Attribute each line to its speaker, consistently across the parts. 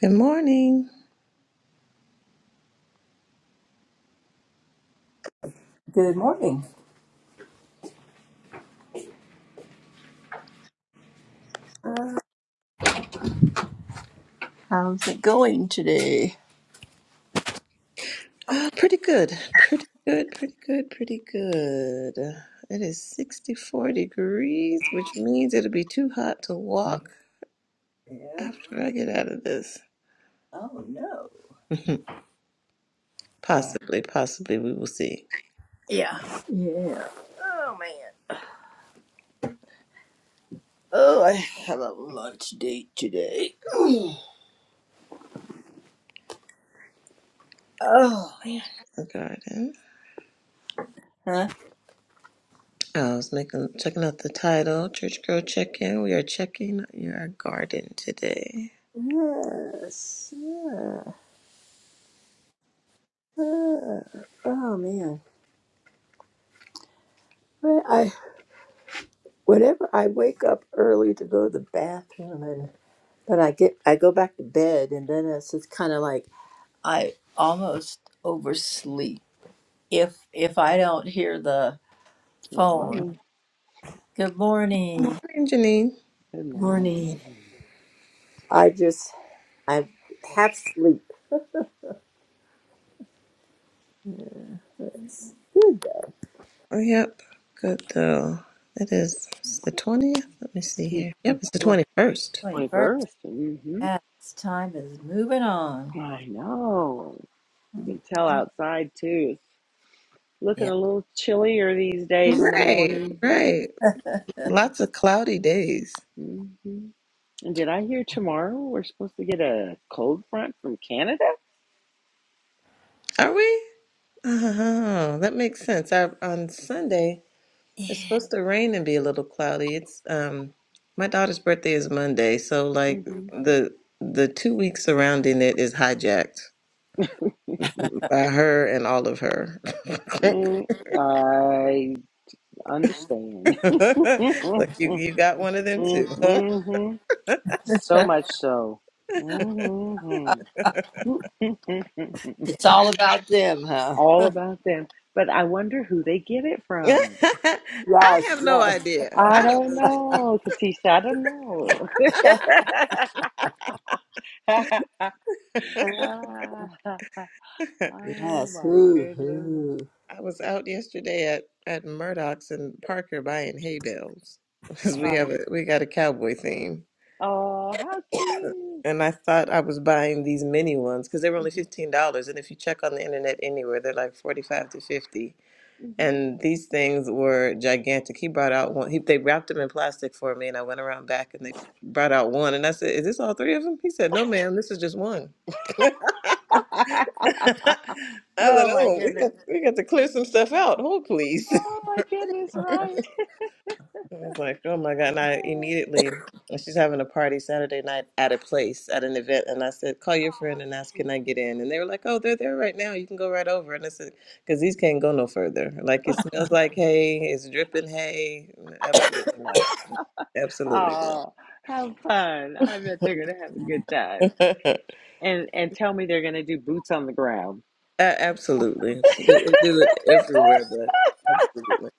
Speaker 1: Good morning.
Speaker 2: Good morning. How's it going today?
Speaker 1: Ah, pretty good. Pretty good. Pretty good. Pretty good. It is 64 degrees, which means it'll be too hot to walk
Speaker 2: Yeah.
Speaker 1: after I get out of this.
Speaker 2: Oh no. Uh,
Speaker 1: possibly, possibly, we will see.
Speaker 2: Yeah. Yeah. Oh man. Oh, I have a lunch date today. oh. Huh?
Speaker 1: The garden. I was making checking out the title, Church Girl Check In. We are checking your garden today.
Speaker 2: Yes. yeah, yeah. Oh man. When I whenever I wake up early to go to the bathroom and then I get I go back to bed and then it's just kind of like I almost oversleep if if I don't hear the
Speaker 3: Good
Speaker 2: phone
Speaker 3: morning.
Speaker 2: Good morning.
Speaker 1: Morning, Janine.
Speaker 3: Good morning.
Speaker 2: Morning. I just I half sleep. It's good though.
Speaker 1: Oh, yep. Good though. It is it's the twentieth. Let me see here. Yep, it's the twenty
Speaker 3: Twenty
Speaker 1: first.
Speaker 2: Wait, first,
Speaker 3: first. Mm-hmm.
Speaker 2: yes, time is moving on.
Speaker 3: I know. You can tell outside too. It's looking
Speaker 2: Yeah.
Speaker 3: a little chillier these days in the
Speaker 1: Right,
Speaker 3: morning.
Speaker 1: right. Lots of cloudy days.
Speaker 3: hmm And did I hear tomorrow we're supposed to get a cold front from Canada?
Speaker 1: Are we? Oh, that makes sense. Our, on Sunday, it's
Speaker 2: It's
Speaker 1: supposed to rain and be a little cloudy. It's um, my daughter's birthday is Monday, so like
Speaker 3: hmm
Speaker 1: the the two weeks surrounding it is hijacked by her and all of her.
Speaker 3: Mm, I understand.
Speaker 1: Look, you you got one of them too. huh?
Speaker 3: mm-hmm. So much so. Mm-hmm.
Speaker 2: all about them, huh?
Speaker 3: all about them. But I wonder who they get it from.
Speaker 1: I
Speaker 2: Yes,
Speaker 1: have no
Speaker 2: yes,
Speaker 1: idea.
Speaker 3: I
Speaker 1: I don't
Speaker 3: don't
Speaker 1: know,
Speaker 3: know, Katisha. I don't know.
Speaker 1: Jimmy.
Speaker 3: oh
Speaker 2: yes.
Speaker 3: my
Speaker 2: Hoo
Speaker 3: goodness.
Speaker 2: hoo.
Speaker 1: I was out yesterday at at Murdoch's and Parker buying hay bales because we
Speaker 3: My,
Speaker 1: have a we got a cowboy theme.
Speaker 3: oh, how cute.
Speaker 1: And I thought I was buying these mini ones because they were only
Speaker 3: Mhm,
Speaker 1: fifteen dollars. And if you check on the internet anywhere, they're like forty five to fifty.
Speaker 3: mhm.
Speaker 1: And these things were gigantic. He brought out one. He, they wrapped them in plastic for me, and I went around back and they brought out one. And I said, "Is this all three of them?" He said, "No, ma'am. This is just one." I said,
Speaker 3: oh my
Speaker 1: "Oh, we
Speaker 3: goodness.
Speaker 1: got we got to clear some stuff out. Hold, please."
Speaker 3: Oh my goodness, right?
Speaker 1: I was like, oh my God. And I immediately, and she's having a party Saturday night at a place, at an event. And I said, call your friend and ask, can I get in? And they were like, oh, they're there right now. You can go right over. And I said, because these can't go no further. Like, it smells like hay, it's dripping hay. Absolutely not. Absolutely
Speaker 3: Oh, have fun. I bet they're going to have a good
Speaker 1: not.
Speaker 3: time. And, and tell me they're going to do boots on the ground.
Speaker 1: A- absolutely. They do it everywhere, but absolutely.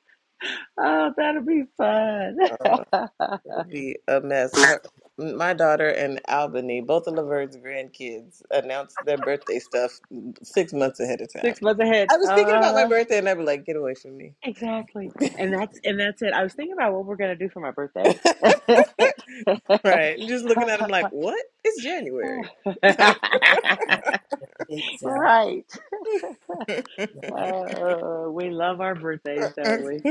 Speaker 3: Oh, that'll be fun.
Speaker 1: would be a mess. Her, my daughter and Albany, both of Laverne's grandkids, announced their birthday stuff six months ahead of time.
Speaker 3: Six months ahead.
Speaker 1: I was thinking about my
Speaker 3: Uh,
Speaker 1: birthday, and I was like, "Get away from me!"
Speaker 3: exactly. And that's and that's it. I was thinking about what we're gonna do for my birthday.
Speaker 1: right? Just looking at them like, "What? It's January."
Speaker 2: Exactly.
Speaker 3: right. Uh, we love our birthdays, don't we?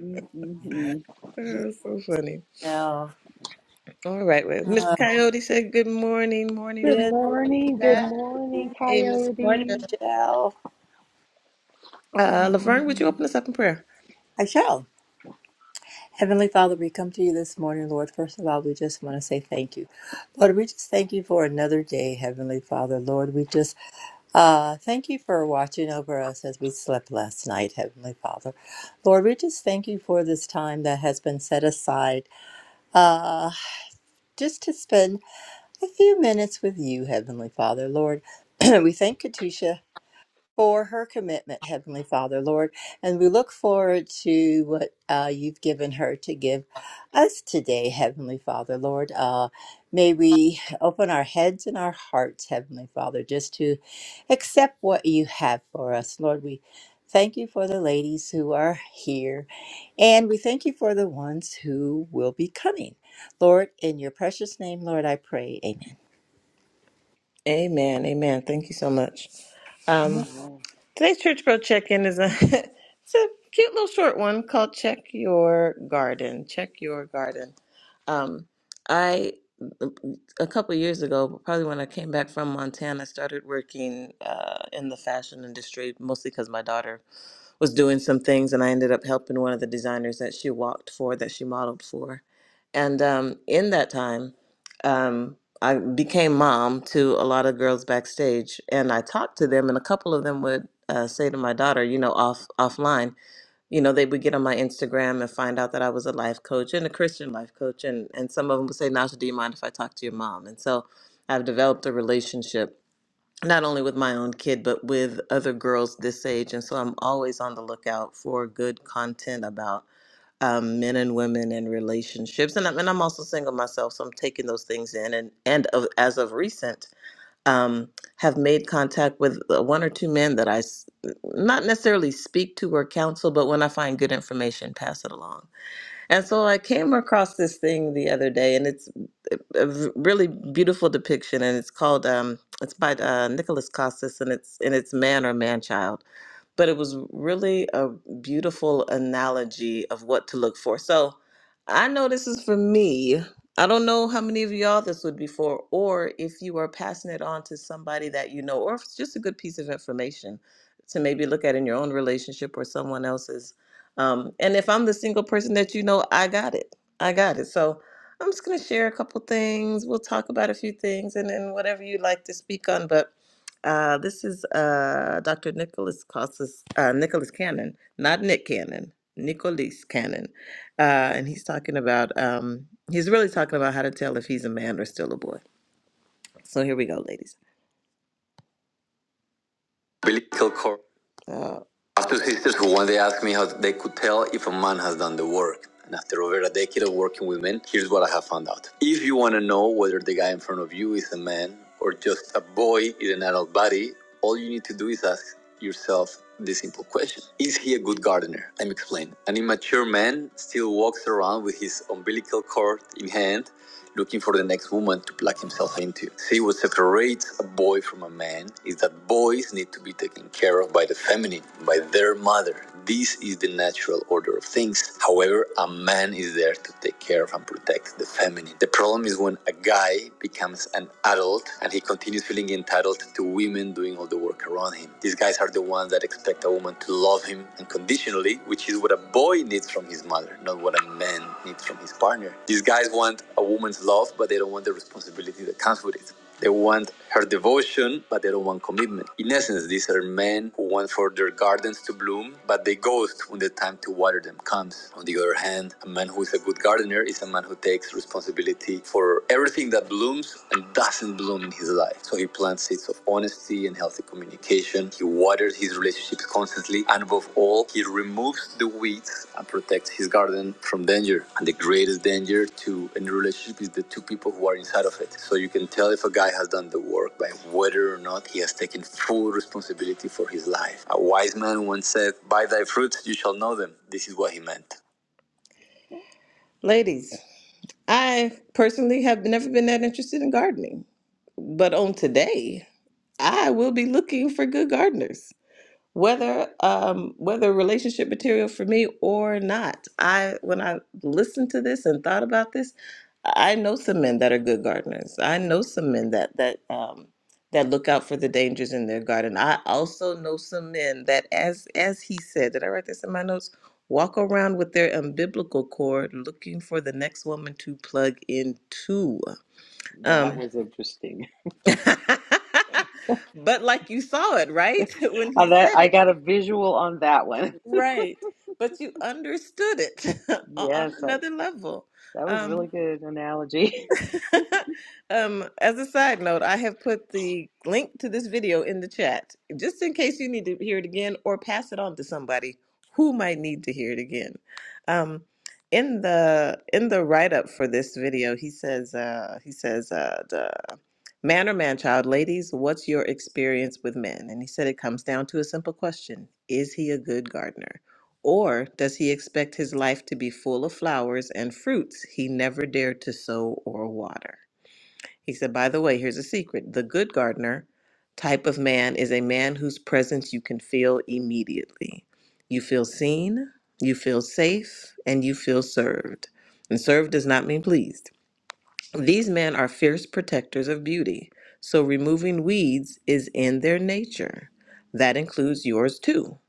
Speaker 3: mm
Speaker 2: Yeah.
Speaker 3: mm
Speaker 1: Oh, so funny.
Speaker 2: Michelle.
Speaker 1: All right, well, Miss
Speaker 2: Uh,
Speaker 1: Coyote said, "Good morning, morning,
Speaker 3: Good
Speaker 1: lady."
Speaker 2: Good
Speaker 3: morning. Good morning,
Speaker 2: morning.
Speaker 1: Hey, Miss.
Speaker 2: morning,
Speaker 3: Coyote.
Speaker 2: Michelle.
Speaker 3: Good
Speaker 1: Uh, Laverne, would you
Speaker 3: morning.
Speaker 1: open us up in prayer?
Speaker 2: Michelle. Heavenly Father, we come to you this morning, Lord. First of all, we just want to say thank you. Lord, we just thank you for another day, Heavenly Father. Lord, we just uh, thank you for watching over us as we slept last night, Heavenly Father. Lord, we just thank you for this time that has been set aside uh, just to spend a few minutes with you, Heavenly Father. Lord, we thank Katisha for her commitment, Heavenly Father, Lord. And we look forward to what uh, you've given her to give us today, Heavenly Father, Lord. Uh, may we open our heads and our hearts, Heavenly Father, just to accept what you have for us, Lord. We thank you for the ladies who are here, and we thank you for the ones who will be coming. Lord, in your precious name, Lord, I pray. Amen.
Speaker 1: Amen. Amen. Thank you so much. Um,
Speaker 3: Oh,
Speaker 1: today's Church Girl Check In is a, it's a cute little short one called Check Your Garden. Check Your Garden. Um, I, a couple of years ago, probably when I came back from Montana, I started working uh, in the fashion industry, mostly because my daughter was doing some things and I ended up helping one of the designers that she walked for, that she modeled for. And um, in that time, um, I became mom to a lot of girls backstage and I talked to them and a couple of them would uh, say to my daughter, you know, off offline, you know, they would get on my Instagram and find out that I was a life coach and a Christian life coach. And, and some of them would say, Nasha, do you mind if I talk to your mom? And so I've developed a relationship not only with my own kid, but with other girls this age. And so I'm always on the lookout for good content about um, men and women and relationships. And I'm, and I'm also single myself, so I'm taking those things in. And, and of, as of recent, um, have made contact with uh, one or two men that I s- not necessarily speak to or counsel, but when I find good information, pass it along. And so I came across this thing the other day, and it's a v- really beautiful depiction, and it's called um, it's by uh, Nicholas Costas, and it's and it's man or man child, but it was really a beautiful analogy of what to look for. So I know this is for me. I don't know how many of y'all this would be for, or if you are passing it on to somebody that you know, or if it's just a good piece of information to maybe look at in your own relationship or someone else's um, and if I'm the single person that you know, I got it. I got it. So I'm just going to share a couple things. We'll talk about a few things and then whatever you like to speak on. But uh, this is uh, Dr. Nicholas Costas, uh, Nicholas Cannon, not Nick Cannon, Nicholas Cannon. Uh, and he's talking about, um, he's really talking about how to tell if he's a man or still a boy. So here we go, ladies. Umbilical cord. uh, After sisters who one day asked me how they could tell if a man has done the work. And after over a decade of working with men, here's what I have found out. If you want to know whether the guy in front of you is a man or just a boy in an adult body, all you need to do is ask yourself this simple question Is he a good gardener? I'm explaining. An immature man still walks around with his umbilical cord in hand looking for the next woman to plug himself into. See, what separates a boy from a man is that boys need to be taken care of by the feminine, by their mother. This is the natural order of things. However, a man is there to take care of and protect the feminine. The problem is when a guy becomes an adult and he continues feeling entitled to women doing all the work around him. These guys are the ones that expect a woman to love him, unconditionally, which is what a boy needs from his mother, not what a man needs from his partner. These guys want a woman's love, but they don't want the responsibility that comes with it. They want her devotion, but they don't want commitment. In essence, these are men who want for their gardens to bloom, but they ghost when the time to water them comes. On the other hand, a man who is a good gardener is a man who takes responsibility for everything that blooms and doesn't bloom in his life. So he plants seeds of honesty and healthy communication. He waters his relationships constantly. And above all, he removes the weeds and protects his garden from danger. And the greatest danger to any relationship is the two people who are inside of it. So you can tell if a guy has done the work by whether or not he has taken full responsibility for his life. A wise man once said, By thy fruits you shall know them. This is what he meant. Ladies, I personally have never been that interested in gardening, but on today, I will be looking for good gardeners, whether um, whether relationship material for me or not. I when I listened to this and thought about this, I know some men that are good gardeners. I know some men that that um, that look out for the dangers in their garden. I also know some men that, as as he said, did I write this in my notes? Walk around with their umbilical cord, looking for the next woman to plug into.
Speaker 3: yeah, That
Speaker 1: Um,
Speaker 3: was interesting.
Speaker 1: but like you saw it, right? When
Speaker 3: Uh,
Speaker 1: he
Speaker 3: that
Speaker 1: said
Speaker 3: I
Speaker 1: it,
Speaker 3: got a visual on that one.
Speaker 1: right. But you understood it o-
Speaker 3: Yes,
Speaker 1: on
Speaker 3: I,
Speaker 1: another level.
Speaker 3: that was a
Speaker 1: Um,
Speaker 3: really good analogy.
Speaker 1: um, as a side note, I have put the link to this video in the chat just in case you need to hear it again or pass it on to somebody who might need to hear it again. Um, in the in the write up for this video, he says uh, he says uh, Man or man child, ladies, what's your experience with men? And he said it comes down to a simple question Is he a good gardener? Or does he expect his life to be full of flowers and fruits he never dared to sow or water? He said, By the way, here's a secret the good gardener type of man is a man whose presence you can feel immediately. You feel seen, you feel safe, and you feel served. And served does not mean pleased. These men are fierce protectors of beauty, so removing weeds is in their nature. That includes yours too.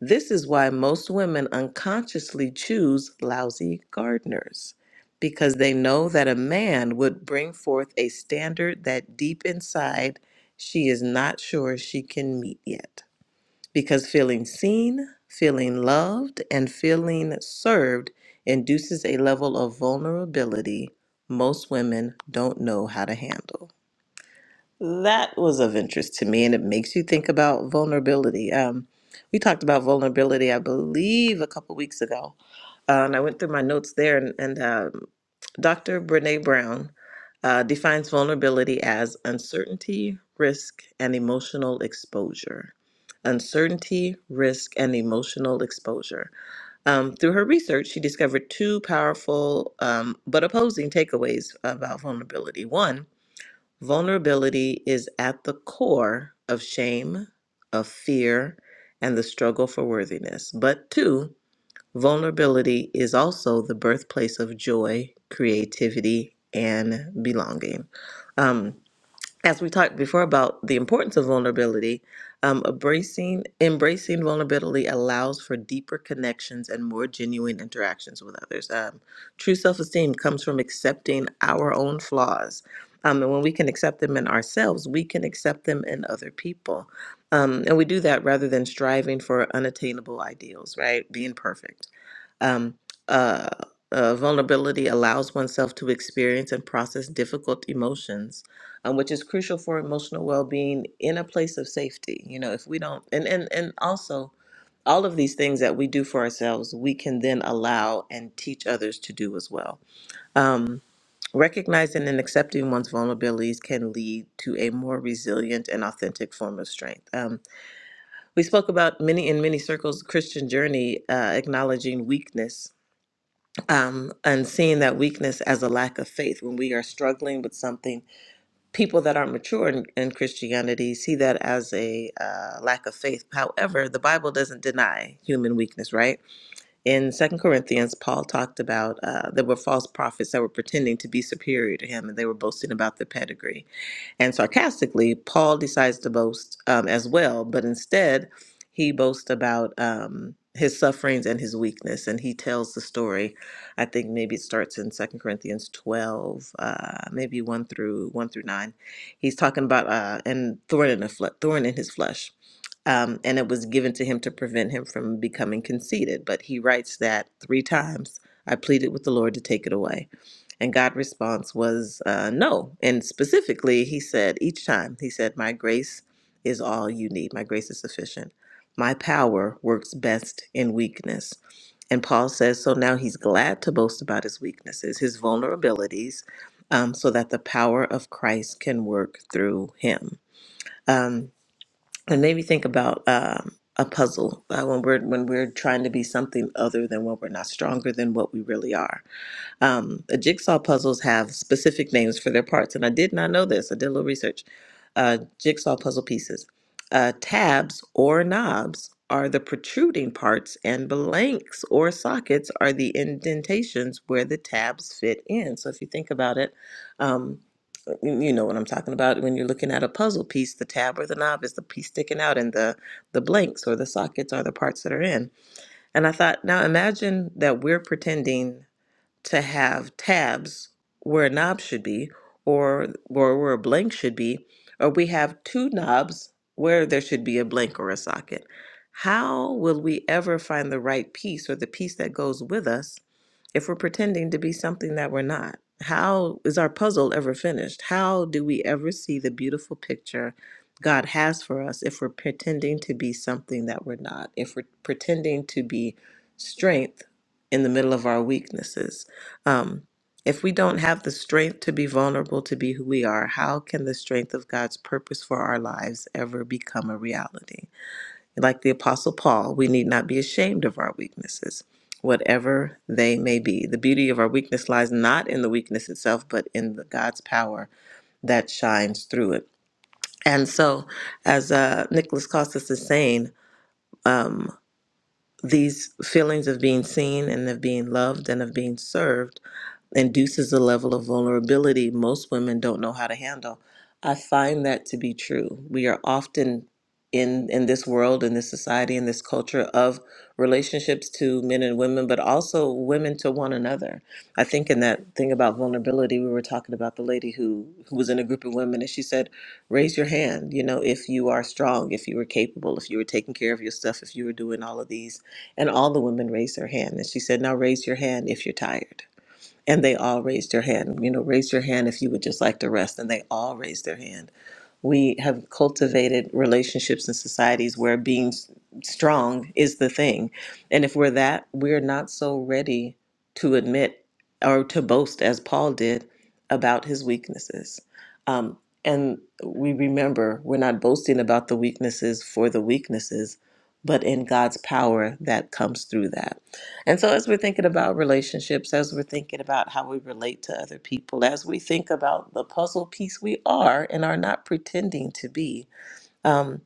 Speaker 1: This is why most women unconsciously choose lousy gardeners, because they know that a man would bring forth a standard that deep inside she is not sure she can meet yet because feeling seen, feeling loved, and feeling served induces a level of vulnerability most women don't know how to handle. That was of interest to me, and it makes you think about vulnerability. Um, we talked about vulnerability, I believe, a couple weeks ago, uh, and I went through my notes there, and, and um, Dr. Brene Brown uh, defines vulnerability as uncertainty, risk, and emotional exposure. Uncertainty, risk, and emotional exposure. Um, through her research, she discovered two powerful um, but opposing takeaways about vulnerability. One, Vulnerability is at the core of shame, of fear, and the struggle for worthiness. But two, vulnerability is also the birthplace of joy, creativity, and belonging. Um, as we talked before about the importance of vulnerability, um, embracing embracing vulnerability allows for deeper connections and more genuine interactions with others. Um, true self esteem comes from accepting our own flaws, um, and when we can accept them in ourselves, we can accept them in other people, um, and we do that rather than striving for unattainable ideals, right? Being perfect um, uh, uh, vulnerability allows oneself to experience and process difficult emotions, um, which is crucial for emotional well-being in a place of safety. You know, if we don't, and and and also all of these things that we do for ourselves, we can then allow and teach others to do as well. Um, recognizing and accepting one's vulnerabilities can lead to a more resilient and authentic form of strength. Um, we spoke about many in many circles Christian journey uh, acknowledging weakness um, and seeing that weakness as a lack of faith when we are struggling with something. People that aren't mature in, in Christianity see that as a uh, lack of faith. However, the Bible doesn't deny human weakness, right? in second corinthians paul talked about uh, there were false prophets that were pretending to be superior to him and they were boasting about their pedigree and sarcastically paul decides to boast um, as well but instead he boasts about um, his sufferings and his weakness and he tells the story i think maybe it starts in second corinthians 12 uh, maybe 1 through 1 through 9 he's talking about uh, and thorn in, the fle- thorn in his flesh um, and it was given to him to prevent him from becoming conceited. But he writes that three times I pleaded with the Lord to take it away. And God's response was uh, no. And specifically, he said each time, he said, My grace is all you need, my grace is sufficient. My power works best in weakness. And Paul says, so now he's glad to boast about his weaknesses, his vulnerabilities, um, so that the power of Christ can work through him Um, it made me think about um, a puzzle uh, when we're when we're trying to be something other than what we're not, stronger than what we really are. Um, the jigsaw puzzles have specific names for their parts, and I did not know this. I did a little research. Uh, jigsaw puzzle pieces, uh, tabs or knobs are the protruding parts, and blanks or sockets are the indentations where the tabs fit in. So if you think about it. um, you you know what I'm talking about when you're looking at a puzzle piece, the tab or the knob is the piece sticking out and the the blanks or the sockets are the parts that are in. And I thought, now imagine that we're pretending to have tabs where a knob should be or or where a blank should be, or we have two knobs where there should be a blank or a socket. How will we ever find the right piece or the piece that goes with us if we're pretending to be something that we're not? How is our puzzle ever finished? How do we ever see the beautiful picture God has for us if we're pretending to be something that we're not? If we're pretending to be strength in the middle of our weaknesses? Um, if we don't have the strength to be vulnerable to be who we are, how can the strength of God's purpose for our lives ever become a reality? Like the Apostle Paul, we need not be ashamed of our weaknesses, whatever they may be. The beauty of our weakness lies not in the weakness itself, but in the God's power that shines through it. And so, as uh, Nicholas Costas is saying, um, these feelings of being seen and of being loved and of being served induces a level of vulnerability most women don't know how to handle. I find that to be true. We are often in in this world, in this society, in this culture of relationships to men and women, but also women to one another. I think in that thing about vulnerability, we were talking about the lady who who was in a group of women, and she said, "Raise your hand, you know, if you are strong, if you were capable, if you were taking care of your stuff, if you were doing all of these." And all the women raised their hand, and she said, "Now raise your hand if you're tired." And they all raised their hand. You know, raise your hand if you would just like to rest. And they all raised their hand. We have cultivated relationships and societies where being s- strong is the thing. And if we're that, we're not so ready to admit or to boast as Paul did about his weaknesses. Um, and we remember we're not boasting about the weaknesses for the weaknesses, but in God's power that comes through that. And so, as we're thinking about relationships, as we're thinking about how we relate to other people, as we think about the puzzle piece we are and are not pretending to be, um,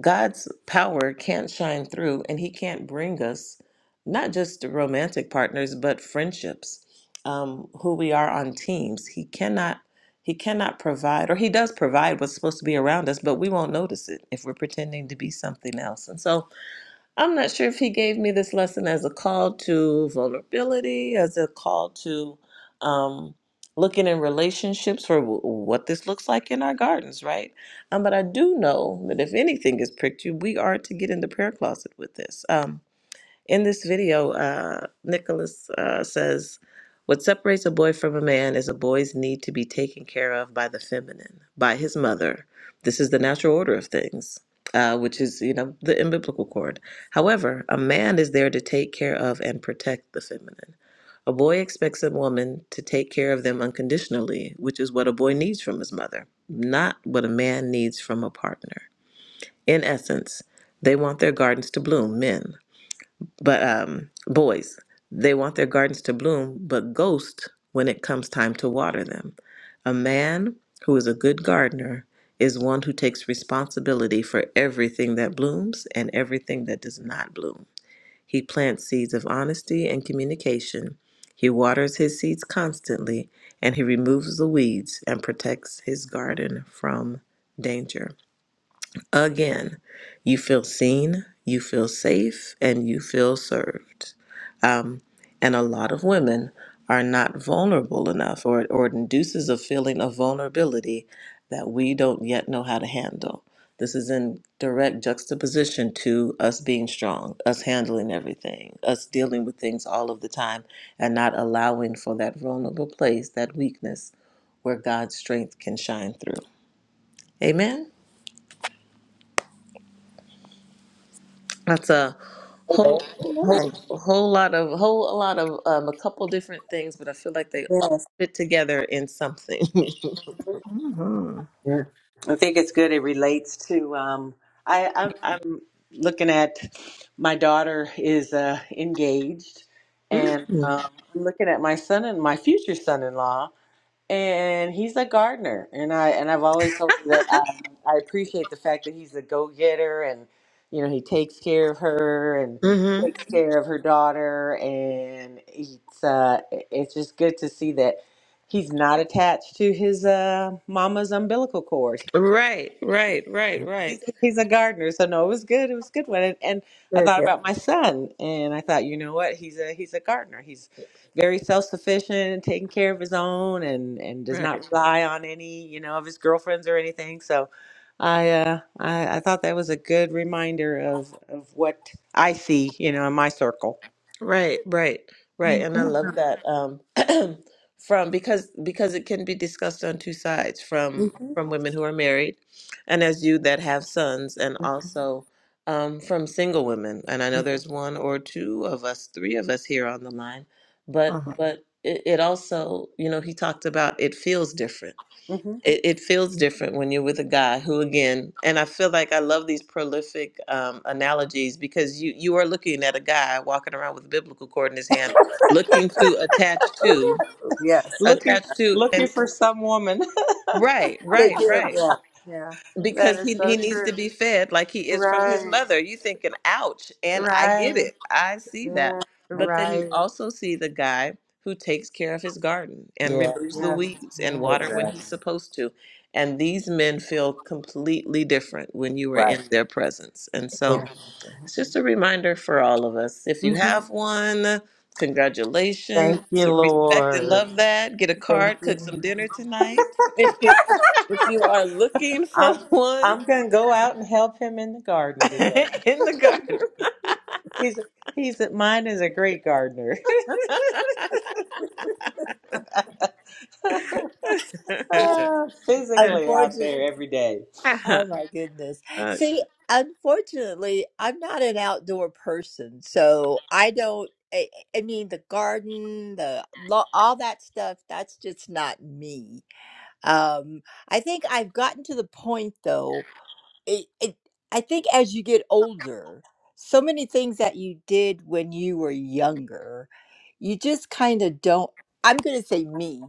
Speaker 1: God's power can't shine through and He can't bring us not just romantic partners, but friendships, um, who we are on teams. He cannot. He cannot provide, or he does provide what's supposed to be around us, but we won't notice it if we're pretending to be something else. And so, I'm not sure if he gave me this lesson as a call to vulnerability, as a call to um, looking in relationships for w- what this looks like in our gardens, right? Um, but I do know that if anything is pricked you, we are to get in the prayer closet with this. Um, in this video, uh, Nicholas uh, says, What separates a boy from a man is a boy's need to be taken care of by the feminine, by his mother. This is the natural order of things, uh, which is, you know, the in biblical cord. However, a man is there to take care of and protect the feminine. A boy expects a woman to take care of them unconditionally, which is what a boy needs from his mother, not what a man needs from a partner. In essence, they want their gardens to bloom, men but um, boys, they want their gardens to bloom, but ghost when it comes time to water them. A man who is a good gardener is one who takes responsibility for everything that blooms and everything that does not bloom. He plants seeds of honesty and communication. He waters his seeds constantly, and he removes the weeds and protects his garden from danger. Again, you feel seen, you feel safe, and you feel served. Um, and a lot of women are not vulnerable enough, or, or it induces a feeling of vulnerability that we don't yet know how to handle. This is in direct juxtaposition to us being strong, us handling everything, us dealing with things all of the time, and not allowing for that vulnerable place, that weakness, where God's strength can shine through. Amen. That's a whole whole
Speaker 2: Amen.
Speaker 1: whole lot of whole a lot of um, a couple different things, but I feel like they all
Speaker 2: Yes.
Speaker 1: fit together in something.
Speaker 2: hmm
Speaker 3: Yeah, I think it's good. It relates to. Um, I, I'm, I'm looking at my daughter is uh, engaged, and
Speaker 1: mm-hmm.
Speaker 3: um, I'm looking at my son and my future son-in-law and he's a gardener and i and i've always told her that um, i appreciate the fact that he's a go-getter and you know he takes care of her and takes Mhm. care of her daughter and it's uh it- it's just good to see that he's not attached to his uh mama's umbilical cord
Speaker 1: Right, right, right,
Speaker 3: He's
Speaker 1: right,
Speaker 3: a, he's a gardener, so no, it was good. It was a good one, and, and I
Speaker 2: Very
Speaker 3: thought about my son, and I thought, you know what? He's a he's a gardener. He's very self sufficient, taking care of his own, and and does
Speaker 1: right.
Speaker 3: not rely on any you know of his girlfriends or anything. So, I uh I, I thought that was a good reminder of of what I see, you know, in my circle.
Speaker 1: Right, right, right. And
Speaker 2: good.
Speaker 1: I love Mhm. that um from because because it can be discussed on two sides
Speaker 3: hmm
Speaker 1: from from women who are married and as you that have sons and also um from single women. And I know there's one or two of us, three of us here on the line, but
Speaker 2: Uh-huh.
Speaker 1: but it, it also, you know, he talked about it feels different
Speaker 3: hmm
Speaker 1: it, it feels different when you're with a guy who again and i feel like i love these prolific um, analogies because you you are looking at a guy walking around with a biblical cord in his hand looking to attach to
Speaker 2: Yes. Yeah.
Speaker 3: Looking
Speaker 1: attach to
Speaker 3: looking
Speaker 1: and
Speaker 3: for some woman.
Speaker 1: right
Speaker 2: Take
Speaker 1: right
Speaker 2: care of
Speaker 1: right
Speaker 2: yeah. Yeah. That's
Speaker 3: that
Speaker 1: because
Speaker 3: is
Speaker 1: he, he
Speaker 3: so
Speaker 1: needs to
Speaker 3: true.
Speaker 1: be fed like he is from his
Speaker 3: Right.
Speaker 1: mother. You thinking, ouch, and I get
Speaker 3: Right.
Speaker 1: it. I see that.
Speaker 2: Yeah. I
Speaker 1: But then you
Speaker 3: Right.
Speaker 1: also see the guy who takes care of his garden and
Speaker 2: can.
Speaker 3: Yeah.
Speaker 1: removes the
Speaker 2: Yes.
Speaker 1: weeds and
Speaker 2: Yeah.
Speaker 1: water when
Speaker 3: Exactly.
Speaker 1: he's supposed to. And these men feel completely different when you are
Speaker 3: Right.
Speaker 1: in their presence. And so
Speaker 2: Yeah.
Speaker 3: Mm.
Speaker 1: it's just a reminder for all of us. If you
Speaker 3: hmm
Speaker 1: have one, congratulations.
Speaker 3: Thank you,
Speaker 1: Respect and
Speaker 3: Lord.
Speaker 1: love that. Get a
Speaker 3: Thank
Speaker 1: card, cook
Speaker 3: you.
Speaker 1: some dinner tonight. If you, if you are looking for
Speaker 3: I'm
Speaker 1: one
Speaker 3: I'm gonna go out and help him in the garden today.
Speaker 1: in the garden.
Speaker 3: He's he's mine is a great gardener. Ah, Physically out
Speaker 2: Unfortunately.
Speaker 3: there every day.
Speaker 1: Uh-huh.
Speaker 2: Oh my goodness.
Speaker 1: Uh,
Speaker 2: See, unfortunately, I'm not an outdoor person, so I don't. I, I mean, the garden, the lo- all that stuff. That's just not me. Um, I think I've gotten to the point though it, it I think as you get older, so many things that you did when you were younger, you just kind of don't I'm going to say me.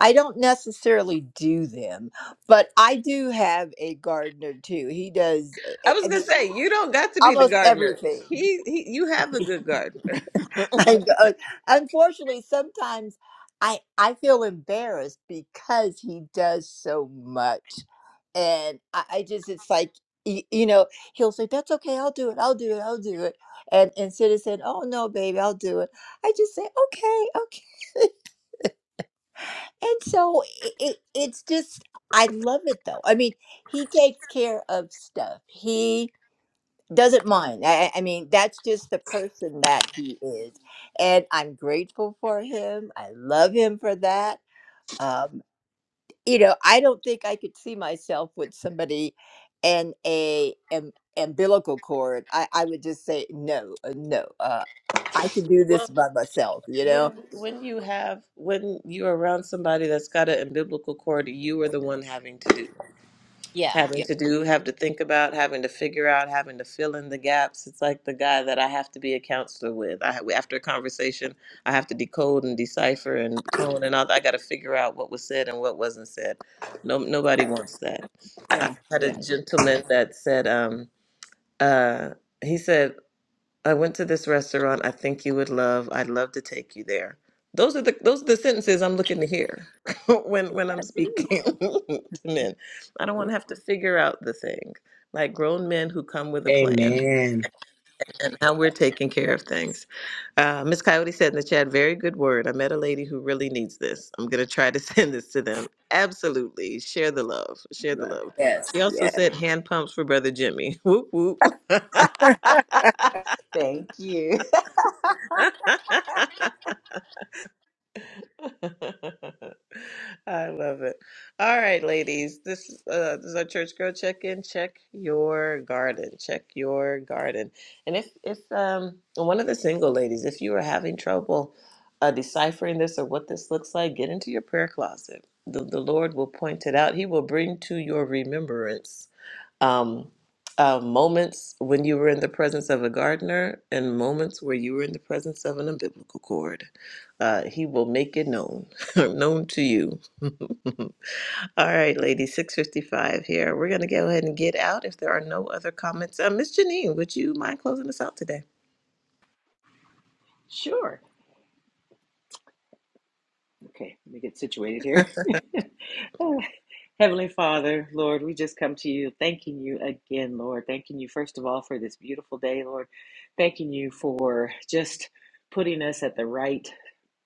Speaker 2: I don't necessarily do them, but I do have a gardener too. He does I
Speaker 1: I
Speaker 2: I-
Speaker 1: was
Speaker 2: I
Speaker 1: gonna
Speaker 2: mean
Speaker 1: say you don't got to be the
Speaker 2: almost
Speaker 1: gardener.
Speaker 2: everything.
Speaker 1: He, he you have a good gardener.
Speaker 2: I go- unfortunately, sometimes I I feel embarrassed because he does so much, and I, I just it's like y- you know he'll say that's okay, I'll do it, I'll do it, I'll do it, and instead of saying oh no, baby, I'll do it, I just say okay, okay, and so it, it it's just I love it though. I mean, he takes care of stuff doesn't mind. I, I mean, that's just the person that he is. And I'm grateful for him. I love him for that. Um, you know, I don't think I could see myself with somebody and a am, umbilical cord. I, I would just say, no, uh, no, uh, I can do
Speaker 1: well,
Speaker 2: this by myself, you know?
Speaker 1: when when you have when you're around somebody that's got it in biblical cord, you are the one having to do.
Speaker 2: Yeah, yeah,
Speaker 1: having to do, have to think about, having to figure out, having to fill in the gaps. It's like the guy that I have to be a counselor with. I after a conversation, I have to decode and decipher and tone and all. that. I got to figure out what was said and what wasn't said. No, nobody wants that. I
Speaker 2: yeah,
Speaker 1: had a
Speaker 2: yeah.
Speaker 1: gentleman that said, um, uh, he said I went to this restaurant I think you would love. I'd love to take you there. Those are the those are the sentences I'm looking to hear when when I'm
Speaker 2: Ooh,
Speaker 1: speaking to men. I don't
Speaker 2: yeah,
Speaker 1: want to have to figure out the thing. Like grown men who come with a plan
Speaker 3: Amen.
Speaker 1: and how we're taking care of things. Uh, Miss Coyote said in the chat, very good word. I met a lady who really needs this. I'm going to try to send this to them. Absolutely. Share the love. Share the
Speaker 2: yes,
Speaker 1: love. She
Speaker 2: yes,
Speaker 1: also
Speaker 2: yes.
Speaker 1: said hand pumps for Brother Jimmy. Whoop, whoop.
Speaker 3: Thank you.
Speaker 1: I love it. All right, ladies. This uh this is our church girl check-in. Check your garden. Check your garden. And if if um one of the single ladies, if you are having trouble uh deciphering this or what this looks like, get into your prayer closet. The the Lord will point it out. He will bring to your remembrance um, uh, moments when you were in the presence of a gardener and moments where you were in the presence of an umbilical cord. Uh, he will make it known, known to you. All right, ladies, 655 here. We're going to go ahead and get out if there are no other comments. Uh, Miss Janine, would you mind closing us out today?
Speaker 3: Sure. Okay, let me get situated here. Oh, Heavenly Father, Lord, we just come to you thanking you again, Lord. Thanking you, first of all, for this beautiful day, Lord. Thanking you for just putting us at the right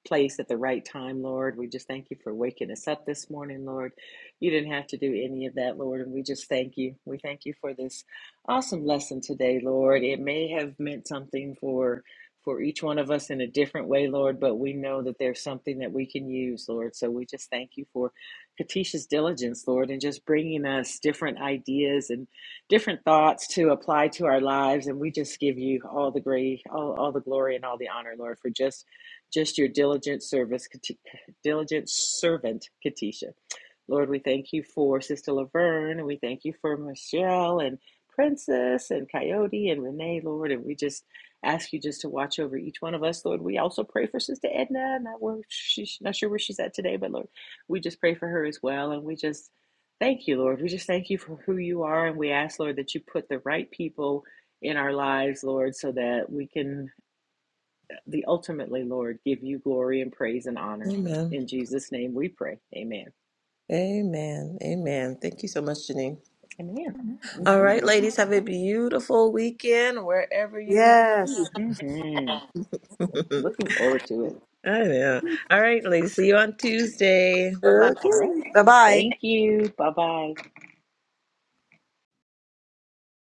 Speaker 3: place at the right time, Lord. We just thank you for waking us up this morning, Lord. You didn't have to do any of that, Lord, and we just thank you. We thank you for this awesome lesson today, Lord. It may have meant something for for each one of us in a different way, Lord, but we know that there's something that we can use, Lord. So we just thank you for Katisha's diligence, Lord, and just bringing us different ideas and different thoughts to apply to our lives. And we just give you all the great, all, all the glory and all the honor, Lord, for just just your diligent service, Kati- diligent servant, Katisha. Lord, we thank you for Sister Laverne, and we thank you for Michelle and Princess and Coyote and Renee, Lord. And we just ask you just to watch over each one of us, Lord. We also pray for Sister Edna. Not where she's not sure where she's at today, but Lord, we just pray for her as well. And we just thank you, Lord. We just thank you for who you are, and we ask, Lord, that you put the right people in our lives, Lord, so that we can the ultimately, Lord, give you glory and praise and honor.
Speaker 1: Amen.
Speaker 3: In Jesus' name we pray. Amen.
Speaker 1: Amen. Amen. Thank you so much, Janine.
Speaker 3: Amen.
Speaker 1: All
Speaker 3: Mm-hmm.
Speaker 1: right, ladies, have a beautiful weekend wherever you may
Speaker 2: Yes.
Speaker 3: hmm
Speaker 1: be.
Speaker 3: Looking forward to it.
Speaker 1: I know. All right, ladies. See you on Tuesday. Bye bye.
Speaker 3: All right.
Speaker 2: Okay. Bye bye.
Speaker 3: Thank you. Bye bye.